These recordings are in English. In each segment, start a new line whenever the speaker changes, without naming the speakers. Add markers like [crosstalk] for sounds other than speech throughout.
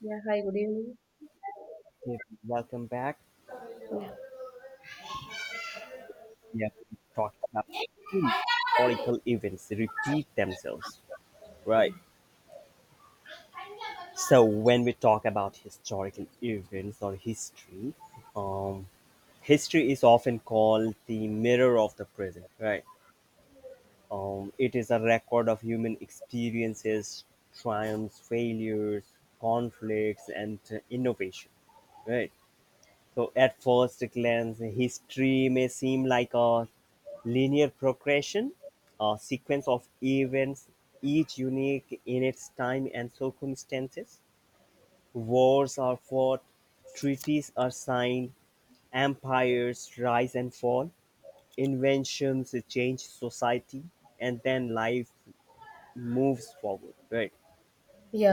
Yeah, hi, good evening.
Hey, welcome back. We have been talking about two historical events that repeat themselves, right? So when we talk about historical events or history, um, history is often called the mirror of the present, right? It is a record of human experiences, triumphs, failures, conflicts, and innovation, right? So, at first glance, history may seem like a linear progression, a sequence of events, each unique in its time and circumstances. Wars are fought, treaties are signed, empires rise and fall, inventions change society, and then life moves forward, right?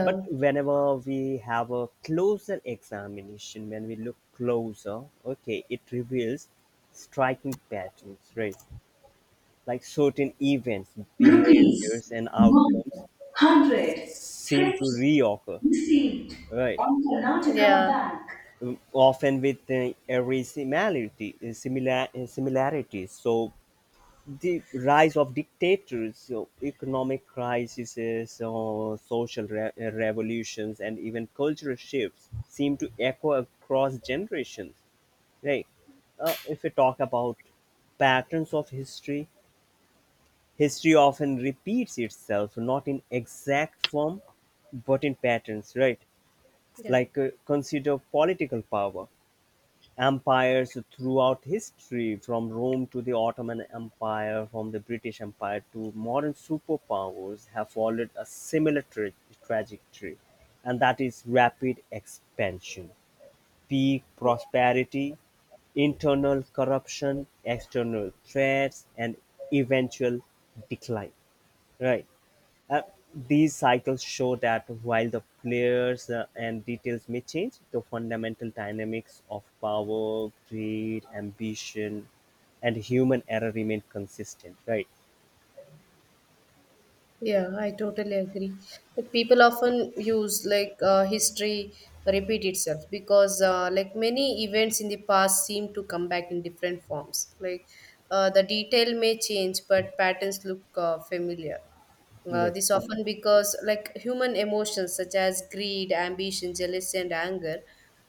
But whenever we have a closer examination, when we look closer, okay, it reveals striking patterns, right? Like certain events,
Rupees
behaviors, and outcomes
100
seem to
50
reoccur,
received
right?
on Karnataka, yeah, Bank.
Often with every similarity, similarities. So the rise of dictators, so economic crises, uh, social revolutions, and even cultural shifts seem to echo across generations. Right? If we talk about patterns of history, history often repeats itself, not in exact form, but in patterns. Right?
Yeah,
Like consider political power empires throughout history, from Rome to the Ottoman Empire, from the British Empire to modern superpowers, have followed a similar trajectory, and that is rapid expansion, peak prosperity, internal corruption, external threats, and eventual decline. Right. Uh, these cycles show that while the players and details may change, the fundamental dynamics of power, greed, ambition, and human error remain consistent, right?
yeah, I totally agree. But people often use like history repeat itself because like many events in the past seem to come back in different forms. Like the detail may change, but patterns look familiar.
Yeah,
This often because like human emotions such as greed, ambition, jealousy, and anger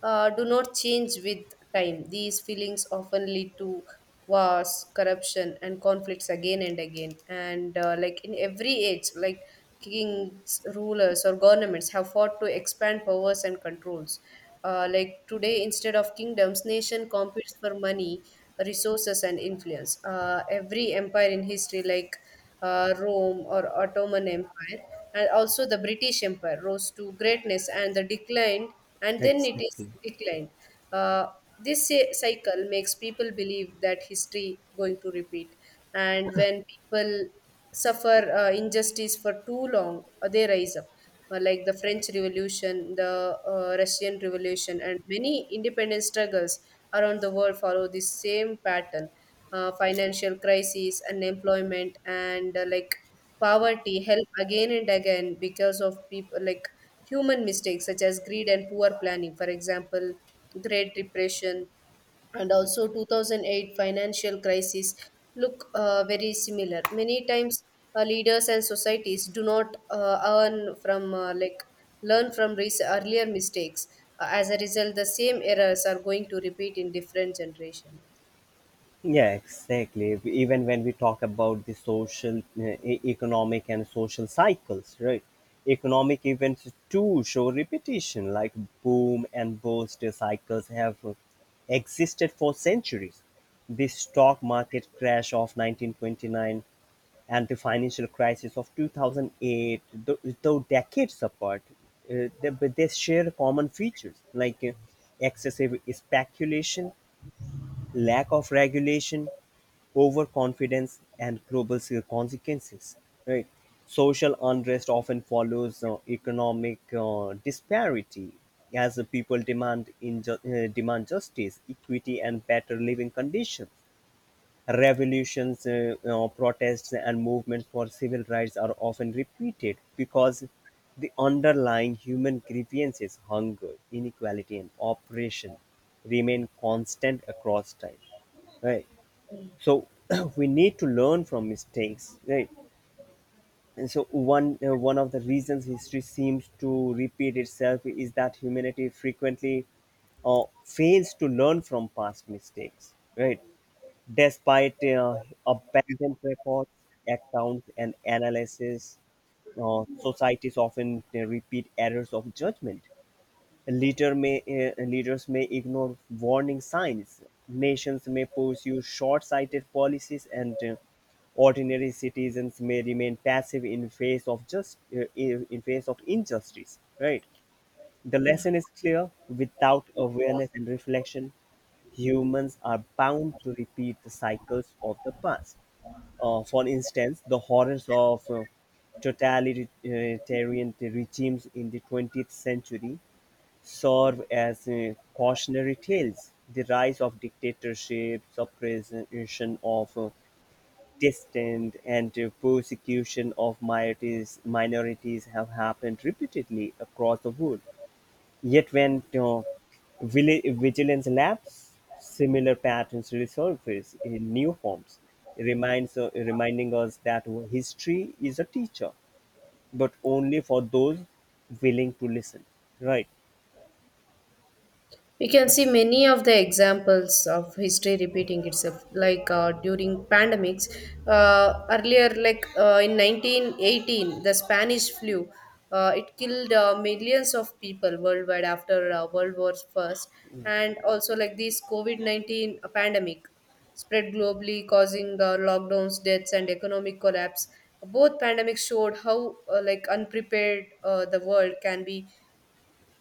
do not change with time. These feelings often lead to wars, corruption, and conflicts again and again. And like in every age, like kings, rulers, or governments have fought to expand powers and controls. Like today, instead of kingdoms, nation competes for money, resources, and influence. Every empire in history, like Rome or Ottoman Empire, and also the British Empire rose to greatness and the declined, and then it is
exactly.
declined. Uh, this cycle makes people believe that history going to repeat, and when people suffer injustice for too long, they rise up like the French Revolution, the Russian Revolution, and many independent struggles around the world follow the same pattern. Financial crises, unemployment, and like poverty help again and again because of people like human mistakes such as greed and poor planning. For example, Great Depression and also 2008 financial crisis look very similar. Many times leaders and societies do not earn from like learn from earlier mistakes. As a result, the same errors are going to repeat in different generation, I think.
Yeah, exactly. Even when we talk about the social, economic, and social cycles, right? Economic events too show repetition, like boom and bust cycles have existed for centuries. The stock market crash of 1929 and the financial crisis of 2008, though decades apart, but they share common features like excessive speculation, lack of regulation, overconfidence, and global consequences. Right? Social unrest often follows economic disparity as the people demand justice, equity, and better living conditions. Revolutions, protests, and movements for civil rights are often repeated because the underlying human grievances, hunger, inequality, and oppression, remain constant across time, right? So [clears throat] we need to learn from mistakes, right? And so one of the reasons history seems to repeat itself is that humanity frequently fails to learn from past mistakes, right? Despite abundant records, accounts, and analysis, societies often repeat errors of judgment. Leader may, Leaders may ignore warning signs. Nations may pursue short sighted policies, and ordinary citizens may remain passive in face of just in face of injustice. Right? The
Yeah.
lesson is clear: without awareness and reflection, humans are bound to repeat the cycles of the past. For instance, the horrors of totalitarian regimes in the 20th century serve as cautionary tales. The rise of dictatorships, suppression of distant, and persecution of minorities have happened repeatedly across the world. Yet when vigilance lapses, similar patterns resurface in new forms, reminding us that history is a teacher, but only for those willing to listen. Right.
We can see many of the examples of history repeating itself, like during pandemics. Earlier, like in 1918, the Spanish flu, it killed millions of people worldwide after World War First, and also like this COVID-19 pandemic spread globally, causing lockdowns, deaths, and economic collapse. Both pandemics showed how like unprepared the world can be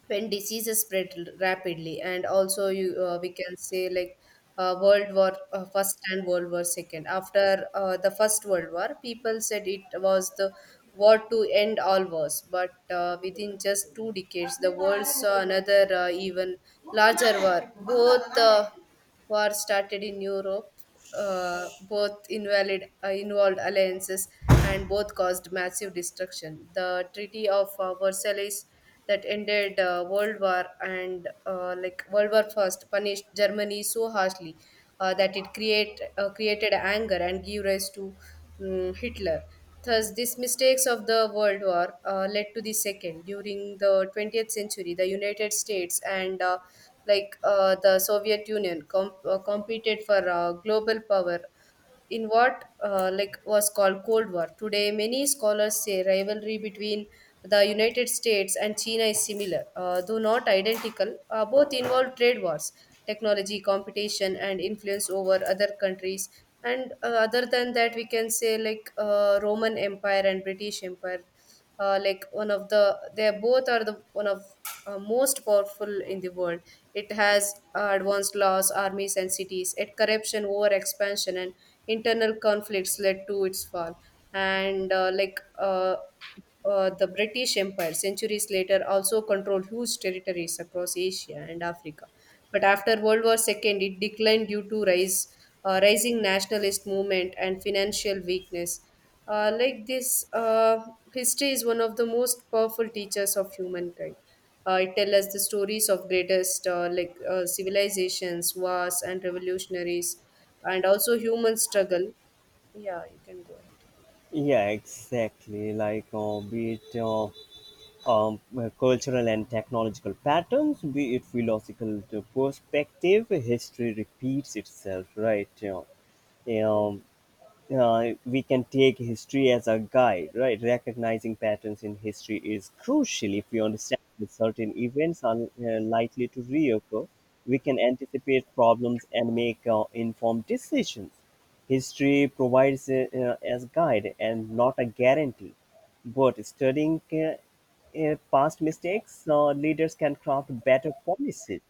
when diseases spread rapidly. And also you we can say like world war first and world war second. After the first world war, people said it was the war to end all wars, but within just 2 decades the world saw another even larger war. Both war started in Europe. Both involved alliances and both caused massive destruction. The Treaty of Versailles that ended World War and like World War First punished Germany so harshly that it created anger and gave rise to Hitler. Thus, these mistakes of the World War led to the second. During the 20th century, the United States and like the Soviet Union competed for global power in what like was called Cold War. Today, many scholars say rivalry between the United States and China is similar, though not identical. Both involve trade wars, technology competition, and influence over other countries. And other than that, we can say like Roman Empire and British Empire like one of the they both are the one of most powerful in the world. It has advanced laws, armies and cities. It corruption over expansion and internal conflicts led to its fall. And like the British Empire centuries later also controlled huge territories across Asia and Africa. But after World War II, it declined due to rising nationalist movement and financial weakness. Like this, history is one of the most powerful teachers of humankind. It tells us the stories of greatest like civilizations, wars, and revolutionaries, and also human struggle. Yeah, you can go ahead.
Yeah, exactly. Like, be it um, cultural and technological patterns, be it philosophical perspective, history repeats itself, right? You know, we can take history as a guide, right? Recognizing patterns in history is crucial. If we understand that certain events are likely to reoccur, we can anticipate problems and make informed decisions. History provides as guide and not a guarantee. But studying past mistakes, leaders can craft better policies,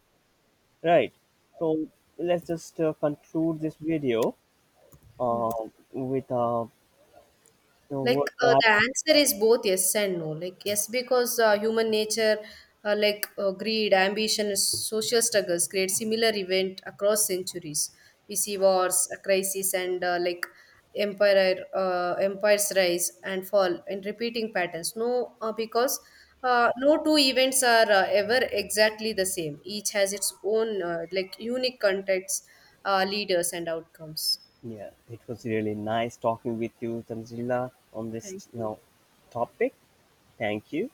right? So let's just conclude this video uh, with a so
Like
what that.
the answer is both yes and no. Like yes, because human nature, like greed, ambition, social struggles, create similar event across centuries. We see wars, crises, and like empires rise and fall, and repeating patterns. No, because no two events are ever exactly the same. Each has its own like unique context, leaders, and outcomes.
Yeah, it was really nice talking with you, Tanzila, on
Thank
this you
you.
know, topic. Thank you.